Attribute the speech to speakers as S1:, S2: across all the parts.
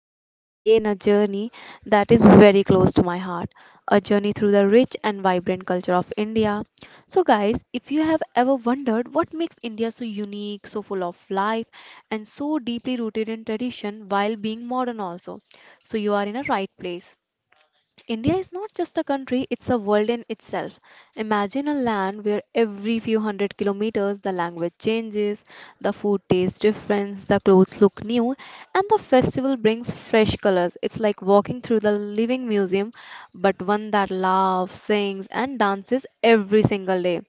S1: today we begin a journey that is very close to my heart, a journey through the rich and vibrant culture of India. So, guys, if you have ever wondered what makes India so unique, so full of life, and so deeply rooted in tradition while being modern, also, so you are in a right place. India is not just a country, it's a world in itself. Imagine a land where every few hundred kilometers the language changes, the food tastes different, the clothes look new, and the festival brings fresh colors. It's like walking through the living museum, but one that laughs, sings, and dances every single day.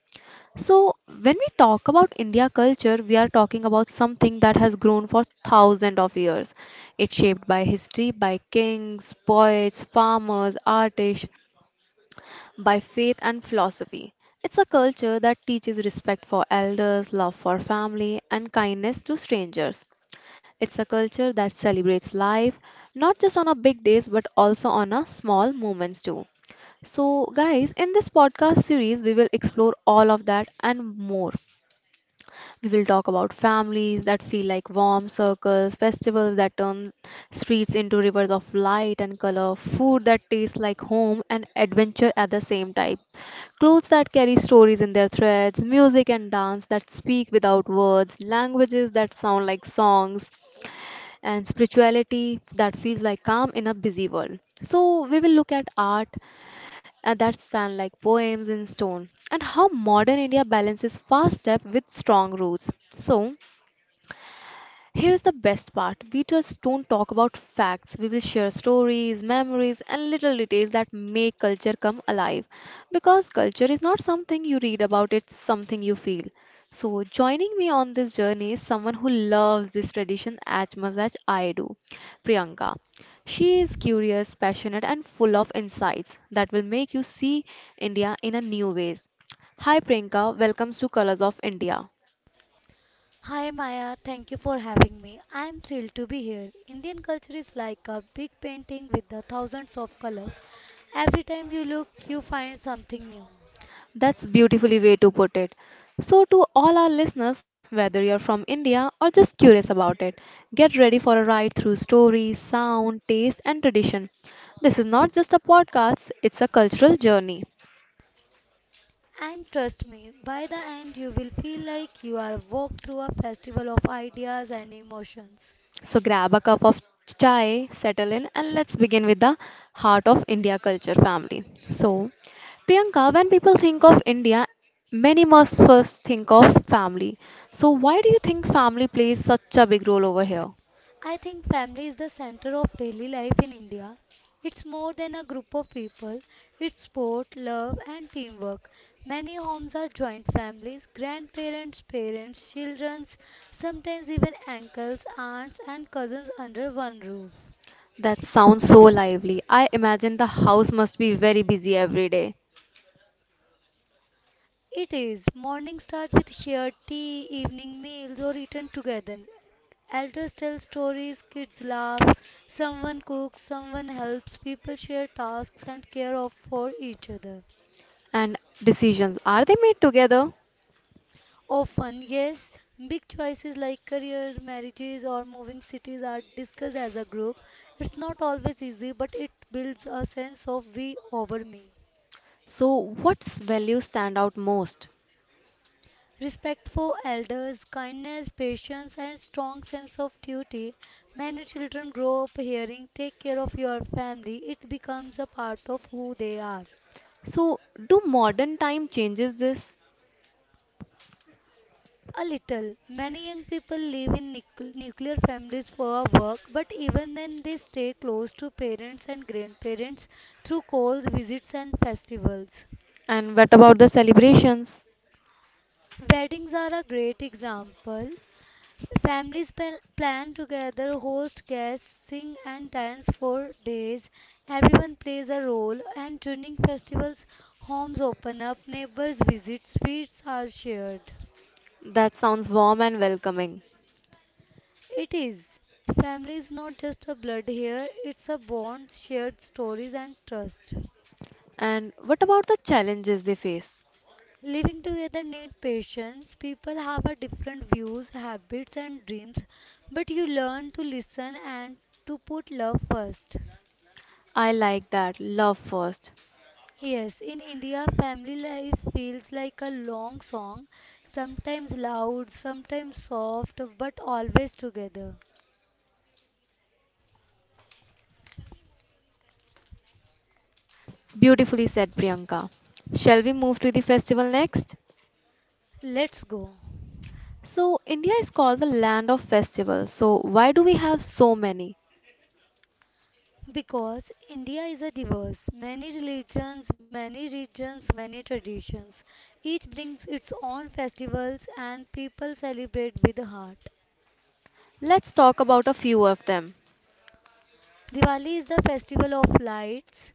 S1: So, when we talk about India culture, we are talking about something that has grown for thousands of years. It's shaped by history, by kings, poets, farmers, artists, by faith and philosophy. It's a culture that teaches respect for elders, love for family, and kindness to strangers. It's a culture that celebrates life, not just on our big days, but also on our small moments too. So, guys, in this podcast series, we will explore all of that and more. We'll talk about families that feel like warm circles, festivals that turn streets into rivers of light and color, food that tastes like home and adventure at the same time, clothes that carry stories in their threads, music and dance that speak without words, languages that sound like songs, and spirituality that feels like calm in a busy world. So, we will look at art that stand like poems in stone and how modern India balances fast step with strong roots. So, here's the best part, we just don't talk about facts. We will share stories, memories, and little details that make culture come alive. Because culture is not something you read about, it's something you feel. So, joining me on this journey is someone who loves this tradition as much as I do, Priyanka. She is curious, passionate, and full of insights that will make you see India in a new ways. Hi Priyanka, welcome to Colors of India.
S2: Hi Maya, thank you for having me. I am thrilled to be here. Indian culture is like a big painting with the thousands of colors. Every time you look, you find something new.
S1: That's beautifully way to put it. So to all our listeners, whether you're from India or just curious about it, get ready for a ride through stories, sound, taste and tradition. This is not just a podcast, it's a cultural journey.
S2: And trust me, by the end you will feel like you are walked through a festival of ideas and emotions.
S1: So grab a cup of chai, settle in and let's begin with the heart of India culture, family. So Priyanka, when people think of India, many must first think of family. So why do you think family plays such a big role over here?
S2: I think family is the center of daily life in India. It's more than a group of people, it's sport, love, and teamwork. Many homes are joint families grandparents, parents, children, sometimes even uncles, aunts, and cousins under one roof.
S1: That sounds so lively. I imagine the house must be very busy every day.
S2: It is. Morning start with shared tea, evening meals, or eaten together. Elders tell stories, kids laugh, someone cooks, someone helps, people share tasks and care of for each other.
S1: And decisions, are they made together?
S2: Often, yes, big choices like career, marriages, or moving cities are discussed as a group. It's not always easy, but it builds a sense of we over me.
S1: So what's values stand out most?
S2: Respect for elders, kindness, patience, and strong sense of duty. Many children grow up hearing, take care of your family. It becomes a part of who they are.
S1: So do modern time changes this?
S2: A little. Many young people live in nuclear families for work, but even then they stay close to parents and grandparents through calls, visits, and festivals.
S1: And what about the celebrations?
S2: Weddings are a great example. Families plan together, host guests, sing and dance for days. Everyone plays a role, and during festivals, homes open up, neighbors visit, sweets are shared.
S1: That sounds warm and welcoming.
S2: It is. Family is not just a blood here, it's a bond, shared stories and trust.
S1: And what about the challenges they face?
S2: Living together need patience. People have a different views, habits and dreams, but you learn to listen and to put love first.
S1: I like that. Love first.
S2: Yes, in India, family life feels like a long song, sometimes loud, sometimes soft, but always together.
S1: Beautifully said, Priyanka. Shall we move to the festival next?
S2: Let's go.
S1: So, India is called the land of festivals. So, why do we have so many?
S2: Because India is a diverse, many religions, many regions, many traditions. Each brings its own festivals and people celebrate with the heart.
S1: Let's talk about a few of them.
S2: Diwali is the festival of lights.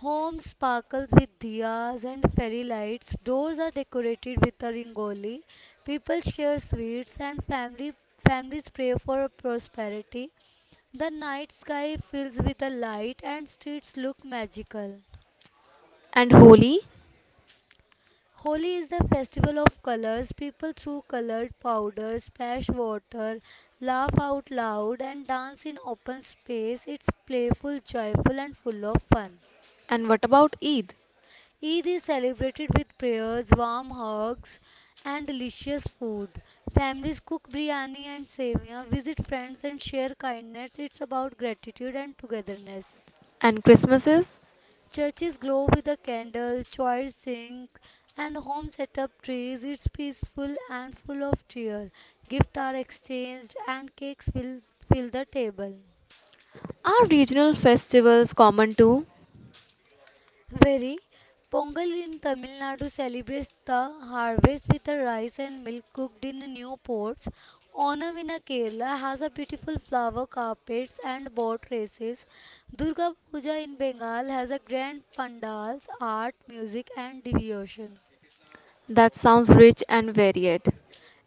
S2: Homes sparkle with diyas and fairy lights. Doors are decorated with a rangoli. People share sweets and family families pray for prosperity. The night sky fills with a light and streets look magical.
S1: And Holi?
S2: Holi is the festival of colors. People throw colored powder, splash water, laugh out loud, and dance in open space. It's playful, joyful, and full of fun.
S1: And what about Eid?
S2: Eid is celebrated with prayers, warm hugs, and delicious food. Families cook biryani and sevia, visit friends, and share kindness. It's about gratitude and togetherness.
S1: And Christmases?
S2: Churches glow with a candle, choirs sing, and homes set up trees. It's peaceful and full of cheer. Gifts are exchanged, and cakes will fill the table.
S1: Are regional festivals common too?
S2: Very. Pongal in Tamil Nadu celebrates the harvest with the rice and milk cooked in new pots. Onam in Kerala has a beautiful flower carpets and boat races. Durga Puja in Bengal has a grand pandals, art, music and devotion.
S1: That sounds rich and varied.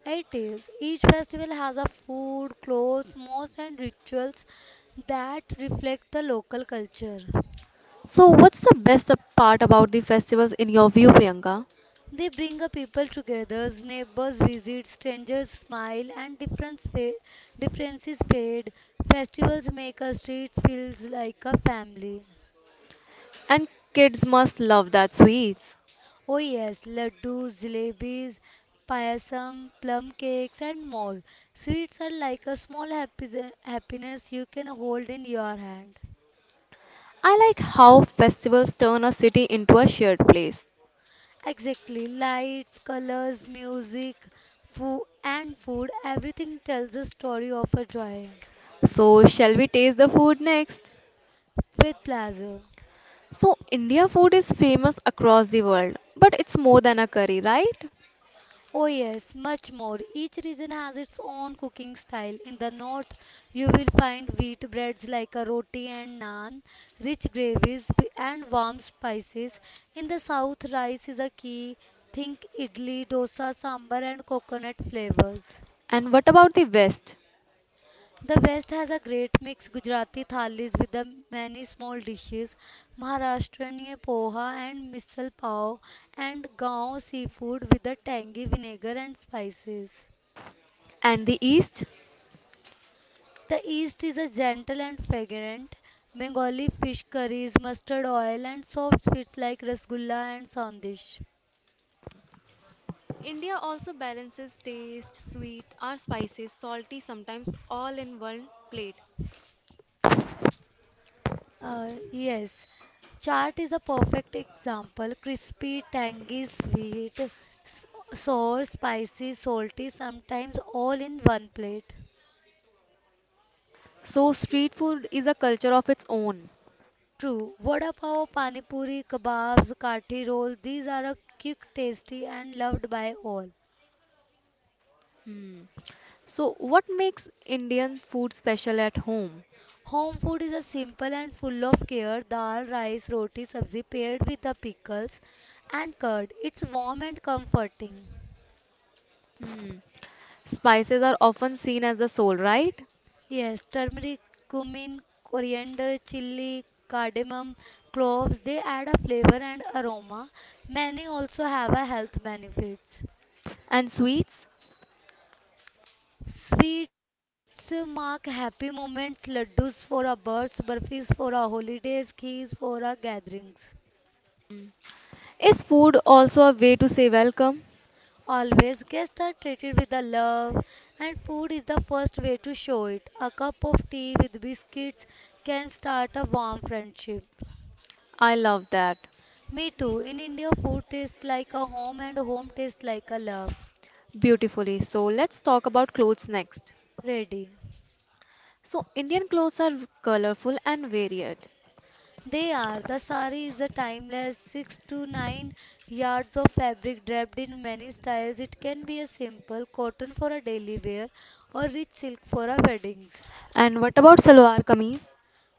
S2: It is. Each festival has a food, clothes, modes, and rituals that reflect the local culture.
S1: So, what's the best part about the festivals in your view, Priyanka?
S2: They bring a people together, neighbors visit, strangers smile, and differences fade. Festivals make a street feels like a family.
S1: And kids must love that sweets.
S2: Oh yes, laddus, jalebis, payasam, plum cakes, and more. Sweets are like a small happiness you can hold in your hand.
S1: I like how festivals turn a city into a shared place.
S2: Exactly. Lights, colors, music, food, everything tells a story of a joy
S1: So, shall we taste the food next?
S2: with pleasure.
S1: So, India food is famous across the world, but it's more than a curry, right?
S2: Oh, yes, much more. Each region has its own cooking style. In the north, you will find wheat breads like a roti and naan, rich gravies, and warm spices. In the south, rice is a key. Think idli, dosa, sambar, and coconut flavors.
S1: And what about the West?
S2: The West has a great mix Gujarati thalis with the many small dishes, Maharashtrian poha and misal pav, and Gaon seafood with the tangy vinegar and spices.
S1: And the East?
S2: The East is a gentle and fragrant. Bengali fish curries, mustard oil, and soft sweets like rasgulla and sandish.
S1: India also balances taste, sweet or spicy, salty, sometimes all in one plate.
S2: Yes, chaat is a perfect example. Crispy, tangy, sweet, s- sour, spicy, salty, sometimes all in one plate.
S1: So, street food is a culture of its own.
S2: True. Vada pav, pani puri, kebabs, kathi roll, these are a quick, tasty and loved by all.
S1: Hmm. So, what makes Indian food special at home?
S2: Home food is a simple and full of care. Dal, rice, roti, sabzi paired with the pickles and curd. It's warm and comforting.
S1: Hmm. Spices are often seen as the soul, right?
S2: Yes, turmeric, cumin, coriander, chili, cardamom, cloves, they add a flavor and aroma. Many also have a health benefits.
S1: And sweets?
S2: Sweets mark happy moments, laddus for our births, burfis for our holidays, keys for our gatherings.
S1: Is food also a way to say welcome?
S2: Always guests are treated with a love and food is the first way to show it. A cup of tea with biscuits can start a warm friendship.
S1: I love that.
S2: Me too. In India, food tastes like a home and home tastes like a love.
S1: Beautifully. So, let's talk about clothes next.
S2: Ready.
S1: So, Indian clothes are colorful and varied.
S2: They are. The sari is a timeless 6 to 9 yards of fabric draped in many styles. It can be a simple cotton for a daily wear or rich silk for a weddings.
S1: And what about salwar kameez?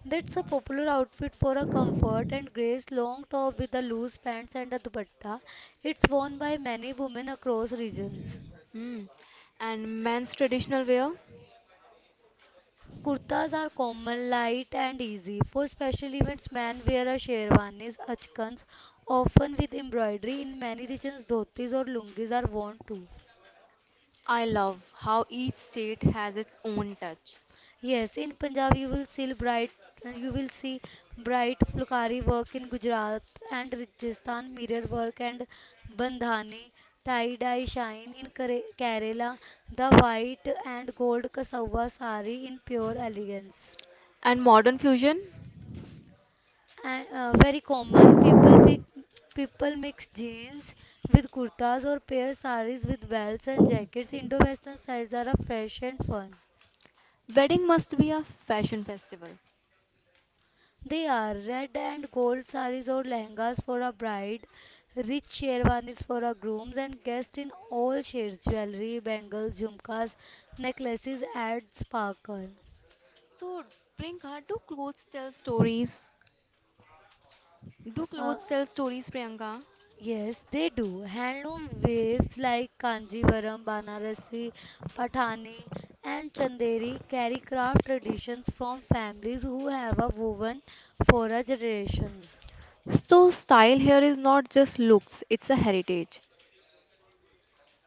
S2: That's a popular outfit for a comfort and grace long top with a loose pants and a dupatta. It's worn by many women across regions.
S1: Hmm. And men's traditional wear?
S2: Kurtas are common, light, and easy. For special events, men wear a sherwanis, achkans, often with embroidery. In many regions, dhotis or lungis are worn too.
S1: I love how each state has its own touch.
S2: Yes, in Punjab, you will see bright fulkari work in Gujarat and Rajasthan, mirror work and bandhani, tie dye shine in Kerala, the white and gold kasawa sari in pure elegance.
S1: And modern fusion?
S2: And very common people mix jeans with kurtas or pair saris with belts and jackets indo western styles are a fresh and fun.
S1: Wedding must be a fashion festival.
S2: They are red and gold saris or lehengas for a bride, rich sherwanis for a groom and guests in all shades jewelry bangles jhumkas necklaces add sparkle.
S1: So, Priyanka, do clothes tell stories? Do
S2: uh,
S1: clothes tell stories, Priyanka?
S2: Yes, they do. Handloom waves like Kanjivaram, Banarasi, Pathani, and Chanderi carry craft traditions from families who have a woven for a generations.
S1: So, style here is not just looks, it's a heritage.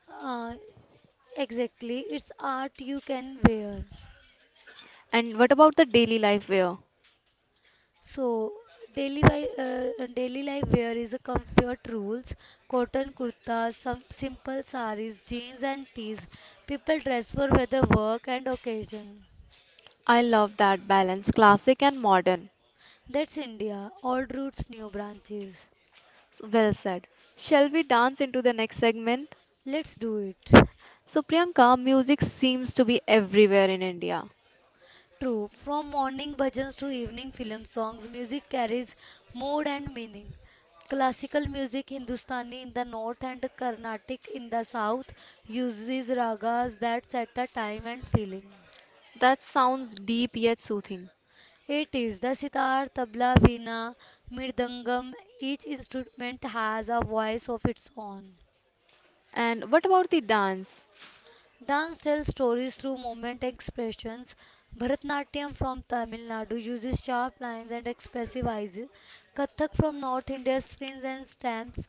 S2: Uh, exactly, it's art you can wear.
S1: And what about the daily life wear?
S2: So daily life wear is a comfort rules. Cotton kurtas, some simple saris, jeans and tees. People dress for weather, work and occasion.
S1: I love that balance, classic and modern.
S2: That's India, all roots, new branches.
S1: So, well said. Shall we dance into the next segment?
S2: Let's do it.
S1: So, Priyanka, music seems to be everywhere in India.
S2: True, from morning bhajans to evening film songs, music carries mood and meaning. Classical music, Hindustani in the north and Carnatic in the south, uses ragas that set a time and feeling.
S1: That sounds deep yet soothing.
S2: It is the sitar, tabla, veena, mirdangam. Each instrument has a voice of its own.
S1: And what about the dance?
S2: Dance tells stories through movement and expressions. Bharatnatyam from Tamil Nadu uses sharp lines and expressive eyes. Kathak from North India spins and stamps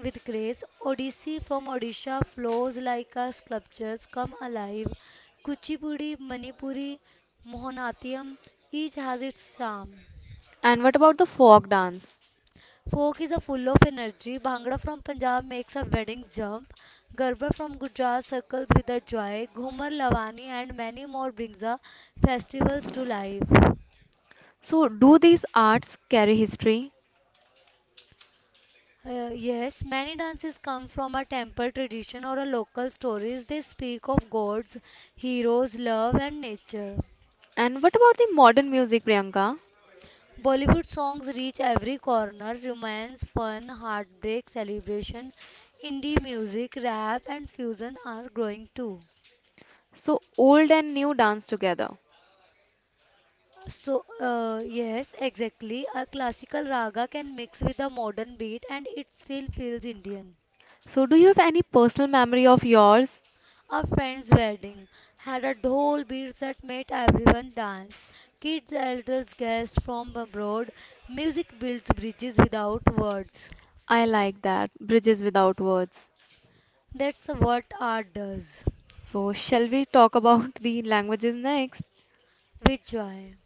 S2: with grace. Odissi from Odisha flows like a sculptures come alive. Kuchipudi, Manipuri, Mohanatiyam each has its charm.
S1: And what about the folk dance?
S2: Folk is a full of energy. Bhangra from Punjab makes a wedding jump. Garba from Gujarat circles with a joy. Ghumar, Lavani, and many more brings the festivals to life.
S1: So, do these arts carry history?
S2: Yes, many dances come from a temple tradition or a local stories. They speak of gods, heroes, love, and nature.
S1: And what about the modern music, Priyanka?
S2: Bollywood songs reach every corner: romance, fun, heartbreak, celebration. Indie music, rap, and fusion are growing too.
S1: So, old and new dance together.
S2: Yes, exactly. A classical raga can mix with a modern beat and it still feels Indian.
S1: So, do you have any personal memory of yours?
S2: A friend's wedding had a dhol beat that made everyone dance. Kids, elders, guests from abroad. Music builds bridges without words.
S1: I like that. Bridges without words.
S2: That's what art does.
S1: So, shall we talk about the languages next?
S2: With joy.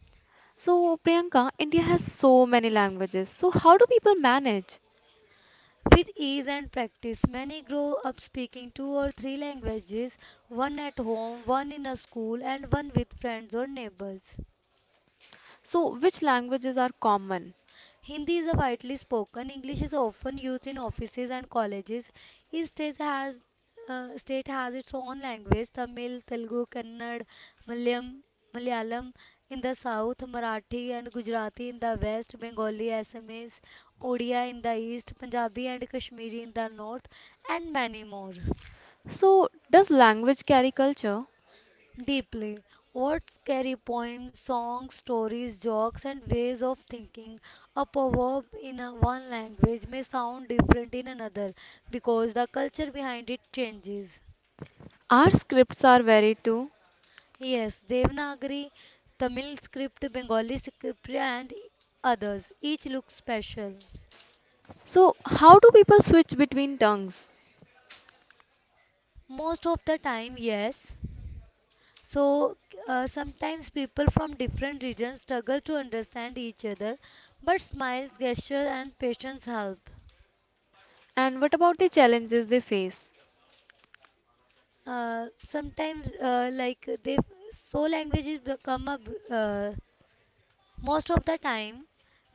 S1: So, Priyanka, India has so many languages. So, how do people manage?
S2: With ease and practice, many grow up speaking two or three languages one at home, one in a school, and one with friends or neighbors.
S1: So, which languages are common?
S2: Hindi is widely spoken. English is often used in offices and colleges. Each state has its own language: Tamil, Telugu, Kannada, Malayalam, Malayalam in the south, Marathi and Gujarati in the west, Bengali, Assamese, Odia in the east, Punjabi and Kashmiri in the north, and many more.
S1: So, does language carry culture?
S2: Deeply. What scary poems, songs, stories, jokes, and ways of thinking. A proverb in a one language may sound different in another because the culture behind it changes.
S1: Our scripts are varied too.
S2: Yes, Devanagari, Tamil script, Bengali script, and others. Each looks special.
S1: So, how do people switch between tongues?
S2: Most of the time, yes. So Sometimes people from different regions struggle to understand each other, but smiles, gesture, and patience help.
S1: And what about the challenges they face?
S2: Sometimes like they so languages become a br- Most of the time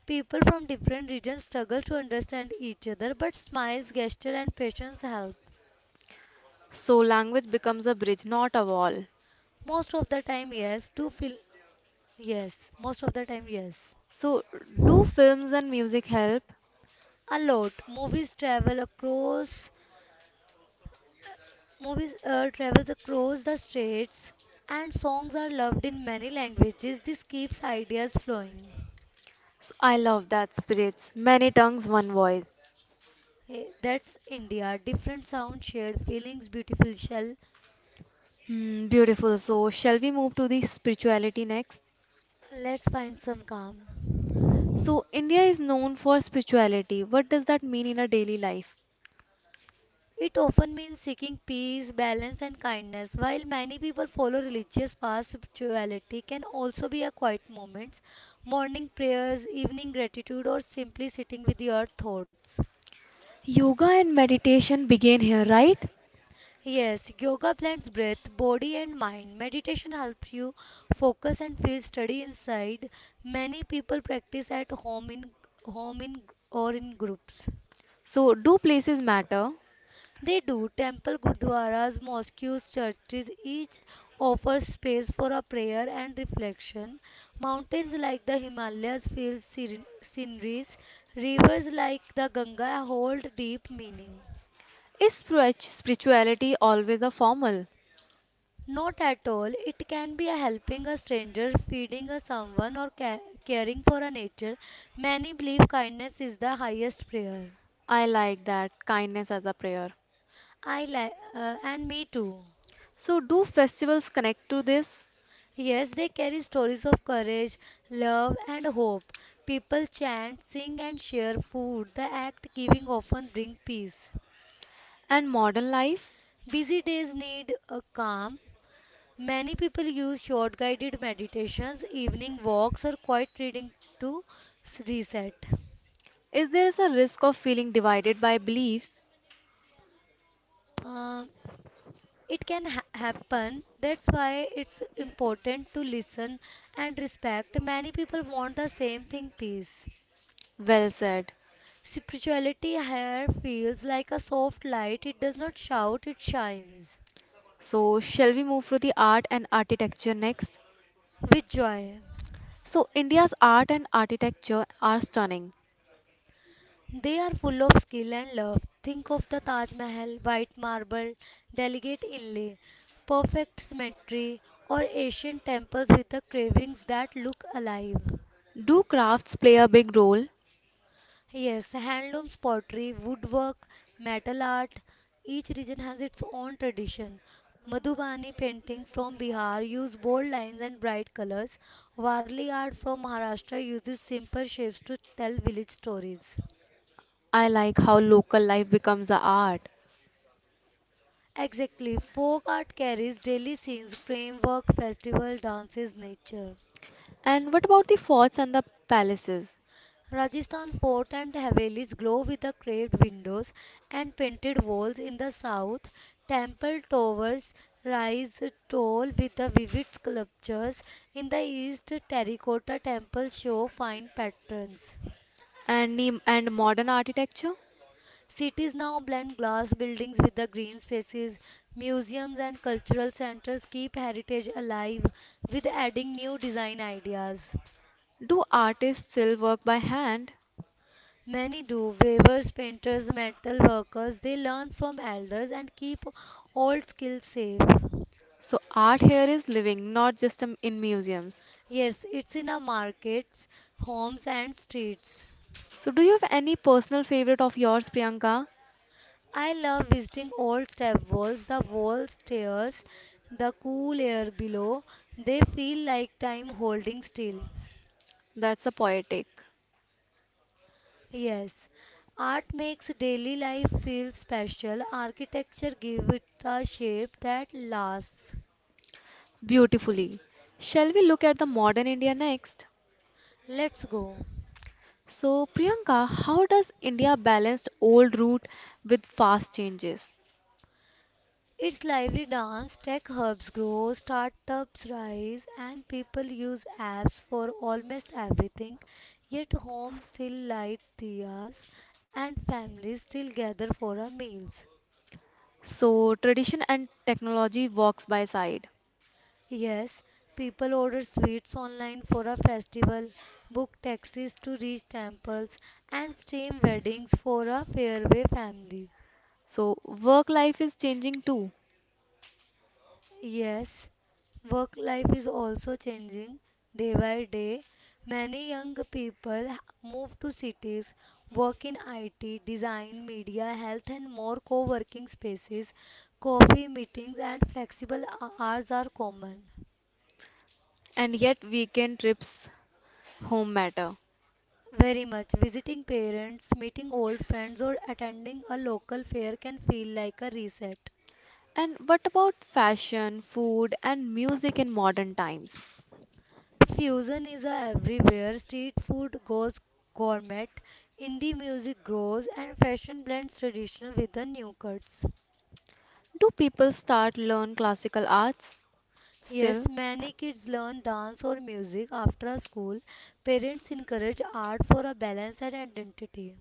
S2: people from different regions struggle to understand each other but smiles gesture and patience help.
S1: So, language becomes a bridge, not a wall.
S2: Most of the time yes to feel Yes, most of the time, yes.
S1: So, do films and music help?
S2: a lot movies travel across Movies travels across the states and songs are loved in many languages this keeps ideas flowing.
S1: So, I love that spirits, many tongues, one voice.
S2: Hey, that's India. Different sound, shared feelings, beautiful shell.
S1: Hmm, beautiful. So, shall we move to the spirituality next?
S2: Let's find some calm.
S1: So, India is known for spirituality. What does that mean in a daily life?
S2: It often means seeking peace, balance, and kindness. While many people follow religious paths, spirituality can also be a quiet moment: morning prayers, evening gratitude, or simply sitting with your thoughts.
S1: Yoga and meditation begin here, right?
S2: Yes, yoga blends breath, body, and mind. Meditation helps you focus and feel steady inside. Many people practice at home in or in groups.
S1: So, do places matter?
S2: They do. Temple, gurdwaras, mosques, churches each offers space for a prayer and reflection. Mountains like the Himalayas feel sceneries. Rivers like the Ganga hold deep meaning.
S1: Is spirituality always a formal?
S2: Not at all. It can be a helping a stranger, feeding a someone, or caring for a nature. Many believe kindness is the highest prayer.
S1: I like that, kindness as a prayer.
S2: I like, and me too.
S1: So, do festivals connect to this
S2: Yes, they carry stories of courage, love, and hope. People chant, sing, and share food. The act giving often bring peace.
S1: and modern life?
S2: Busy days need a calm. Many people use short guided meditations, evening walks, or quiet reading to reset.
S1: Is there is a risk of feeling divided by beliefs?
S2: Uh, it can happen. That's why it's important to listen and respect. Many people want the same thing peace.
S1: Well said.
S2: Spirituality here feels like a soft light. It does not shout, it shines
S1: So, shall we move to the art and architecture next?
S2: with joy.
S1: So, India's art and architecture are stunning.
S2: They are full of skill and love. Think of the Taj Mahal, white marble, delicate inlay, perfect symmetry, or ancient temples with the carvings that look alive.
S1: Do crafts play a big role?
S2: Yes, handlooms, pottery, woodwork, metal art. Each region has its own tradition. Madhubani painting from Bihar use bold lines and bright colors. Warli art from Maharashtra uses simple shapes to tell village stories.
S1: I like how local life becomes the art.
S2: Exactly, folk art carries daily scenes, framework, festival, dances, nature.
S1: And what about the forts and the palaces
S2: Rajasthan fort and Havelis glow with the carved windows and painted walls in the south. Temple towers rise tall with the vivid sculptures. In the east, terracotta temples show fine patterns.
S1: and the, and modern architecture?
S2: Cities now blend glass buildings with the green spaces. Museums and cultural centers keep heritage alive with adding new design ideas.
S1: Do artists still work by hand?
S2: Many do. Weavers, painters, metal workers, they learn from elders and keep old skills safe.
S1: So art here is living, not just in museums.
S2: Yes, it's in our markets, homes, and streets.
S1: So do you have any personal favorite of yours, Priyanka?
S2: I love visiting old step walls, the wall stairs, the cool air below. They feel like time holding still.
S1: That's a poetic.
S2: Yes, art makes daily life feel special. Architecture gives it a shape that lasts.
S1: Beautifully. Shall we look at the modern India next?
S2: Let's go.
S1: So Priyanka, how does India balance old route with fast changes?
S2: Its lively dance, tech hubs grow, startups rise, and people use apps for almost everything. Yet homes still light diyas and families still gather for our meals.
S1: So tradition and technology walks by side.
S2: Yes, people order sweets online for a festival, book taxis to reach temples, and stream weddings for a fairway family.
S1: So, work life is changing too,
S2: Yes, work life is also changing day by day. Many young people move to cities, work in IT, design, media, health, and more co working spaces. Coffee meetings and flexible hours are common.
S1: and yet weekend trips home matter.
S2: Very much. Visiting parents, meeting old friends, or attending a local fair can feel like a reset.
S1: And what about fashion, food, and music in modern times?
S2: Fusion is a everywhere. Street food goes gourmet, indie music grows, and fashion blends traditional with the new cuts.
S1: Do people start learn classical arts
S2: Yes,
S1: still?
S2: many kids learn dance or music after school. Parents encourage art for a balance and identity.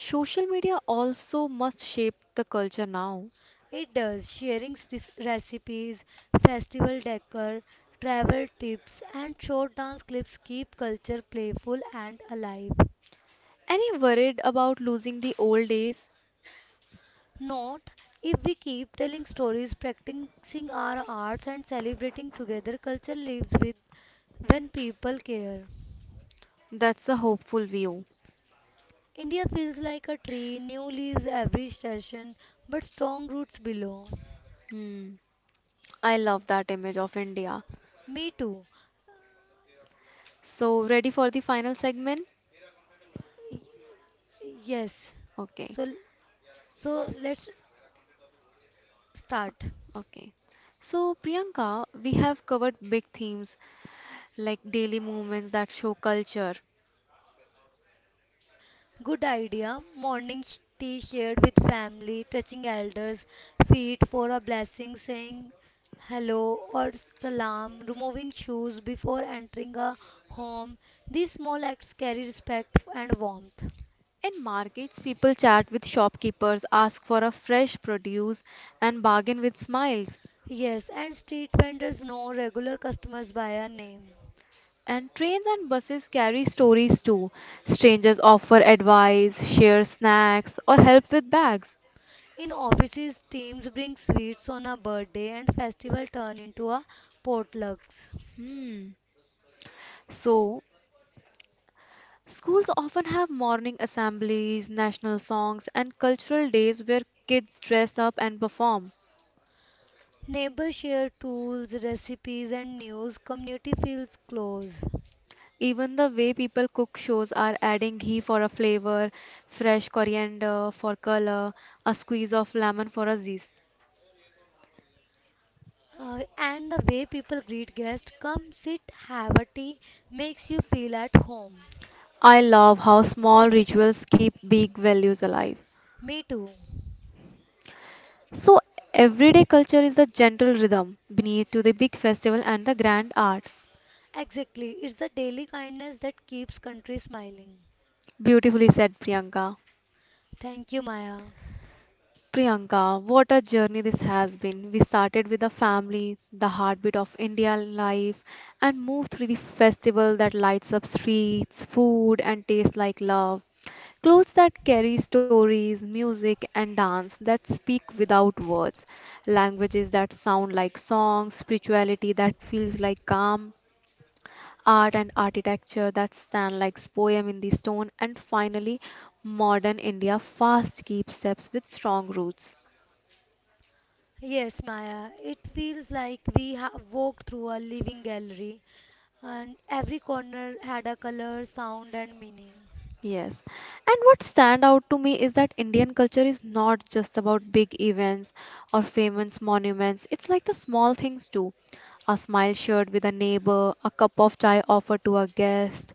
S1: Social media also must shape the culture now.
S2: It does sharing recipes, festival decor, travel tips, and short dance clips keep culture playful and alive.
S1: Any worried about losing the old days?
S2: Not if we keep telling stories, practicing our arts, and celebrating together, culture lives with when people care.
S1: That's a hopeful view.
S2: India feels like a tree, new leaves every session, but strong roots below.
S1: Hmm. I love that image of India.
S2: Me too.
S1: So, ready for the final segment?
S2: Yes.
S1: Okay.
S2: So, so let's start.
S1: Okay. So, Priyanka, we have covered big themes like daily movements that show culture.
S2: Good idea. Morning tea shared with family, touching elders' feet for a blessing, saying hello or salam, removing shoes before entering a home. These small acts carry respect and warmth.
S1: In markets, people chat with shopkeepers, ask for a fresh produce, and bargain with smiles.
S2: Yes, and street vendors know regular customers by a name.
S1: And trains and buses carry stories too. Strangers offer advice, share snacks, or help with bags.
S2: In offices, teams bring sweets on a birthday and festival turn into a potlucks.
S1: Hmm. So, schools often have morning assemblies, national songs, and cultural days where kids dress up and perform.
S2: Neighbors share tools, recipes, and news. Community feels close.
S1: Even the way people cook shows are adding ghee for a flavor, fresh coriander for color, a squeeze of lemon for a zest.
S2: And the way people greet guests, come sit, have a tea, makes you feel at home.
S1: I love how small rituals keep big values alive.
S2: Me too.
S1: So, everyday culture is the gentle rhythm beneath to the big festival and the grand art.
S2: Exactly. It's the daily kindness that keeps country smiling.
S1: Beautifully said, Priyanka.
S2: Thank you, Maya.
S1: Priyanka, what a journey this has been. We started with the family, the heartbeat of Indian life, and moved through the festival that lights up streets, food, and tastes like love. Clothes that carry stories, music, and dance that speak without words, languages that sound like songs, spirituality that feels like calm, art and architecture that stand like poem in the stone, and finally, modern India fast keeps steps with strong roots.
S2: Yes, Maya. It feels like we have walked through a living gallery and every corner had a color, sound, and meaning.
S1: Yes. And what stand out to me is that Indian culture is not just about big events or famous monuments. It's like the small things too. A smile shared with a neighbor, a cup of chai offered to a guest,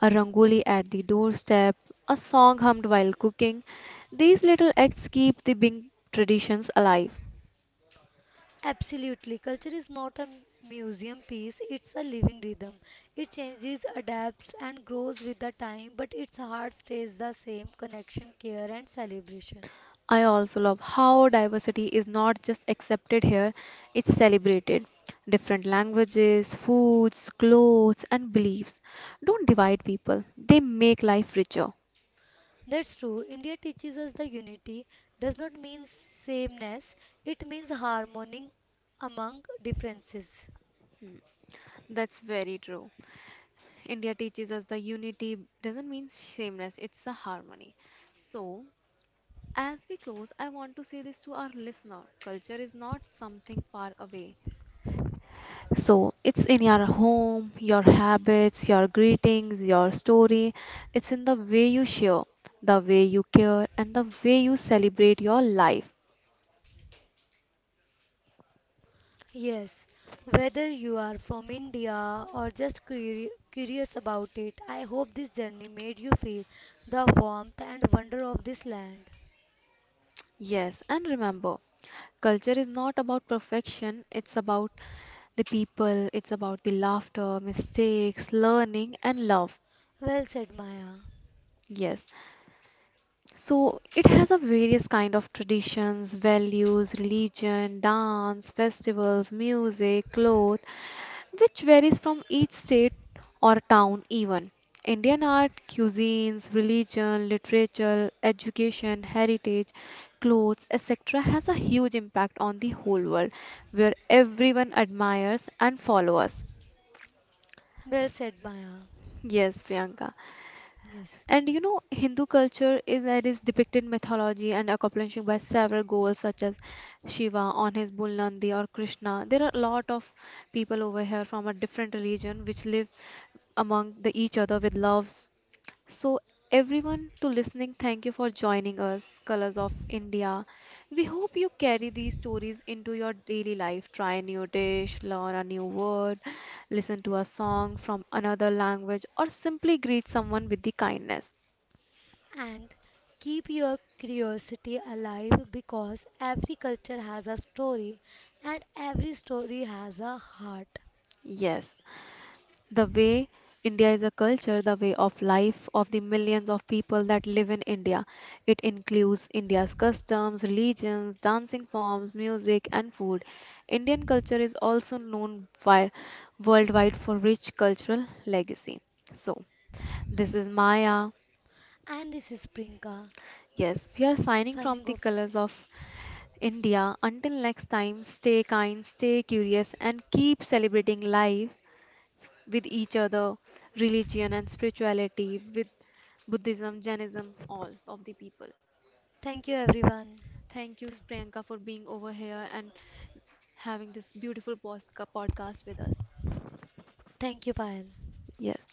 S1: a rangoli at the doorstep, a song hummed while cooking. These little acts keep the big traditions alive.
S2: Absolutely. Culture is not a museum piece, it's a living rhythm. It changes, adapts, and grows with the time, but its heart stays the same connection, care, and celebration.
S1: I also love how diversity is not just accepted here, it's celebrated. Different languages, foods, clothes, and beliefs don't divide people, they make life richer.
S2: That's true. India teaches us the unity does not mean sameness, it means harmony among differences.
S1: Hmm. That's very true. India teaches us the unity doesn't mean sameness, it's a harmony. So, as we close, I want to say this to our listener, culture is not something far away, so it's in your home, your habits, your greetings, your story. It's in the way you share, the way you care, and the way you celebrate your life.
S2: Yes, whether you are from India or just curious about it, I hope this journey made you feel the warmth and wonder of this land.
S1: Yes, and remember, culture is not about perfection, it's about the people, it's about the laughter, mistakes, learning, and love.
S2: Well said, Maya.
S1: Yes. So it has a various kind of traditions, values, religion, dance, festivals, music, clothes, which varies from each state or town even. Indian art, cuisines, religion, literature, education, heritage, clothes, etc. has a huge impact on the whole world where everyone admires and follows.
S2: Well
S1: S-
S2: said, Maya.
S1: Yes, Priyanka.
S2: Yes.
S1: And you know, Hindu culture is that is depicted mythology and accomplishing by several goals such as Shiva on his bull Nandi or Krishna. There are a lot of people over here from a different religion which live among the each other with loves. So everyone to listening, thank you for joining us, Colors of India. We hope you carry these stories into your daily life. Try a new dish, learn a new word, listen to a song from another language, or simply greet someone with the kindness.
S2: And keep your curiosity alive because every culture has a story and every story has a heart.
S1: Yes, the way India is a culture, the way of life of the millions of people that live in India. It includes India's customs, religions, dancing forms, music, and food. Indian culture is also known worldwide for rich cultural legacy. So, this is Maya.
S2: And this is Prinka
S1: Yes, we are signing from
S2: signing
S1: the
S2: off.
S1: colors of India. Until next time, stay kind, stay curious, and keep celebrating life. With each other, religion and spirituality, with Buddhism, Jainism, all of the people.
S2: Thank you, everyone.
S1: Thank you,
S2: Thank you,
S1: Priyanka, for being over here and having this beautiful podcast with us.
S2: Thank you Payal.
S1: Yes.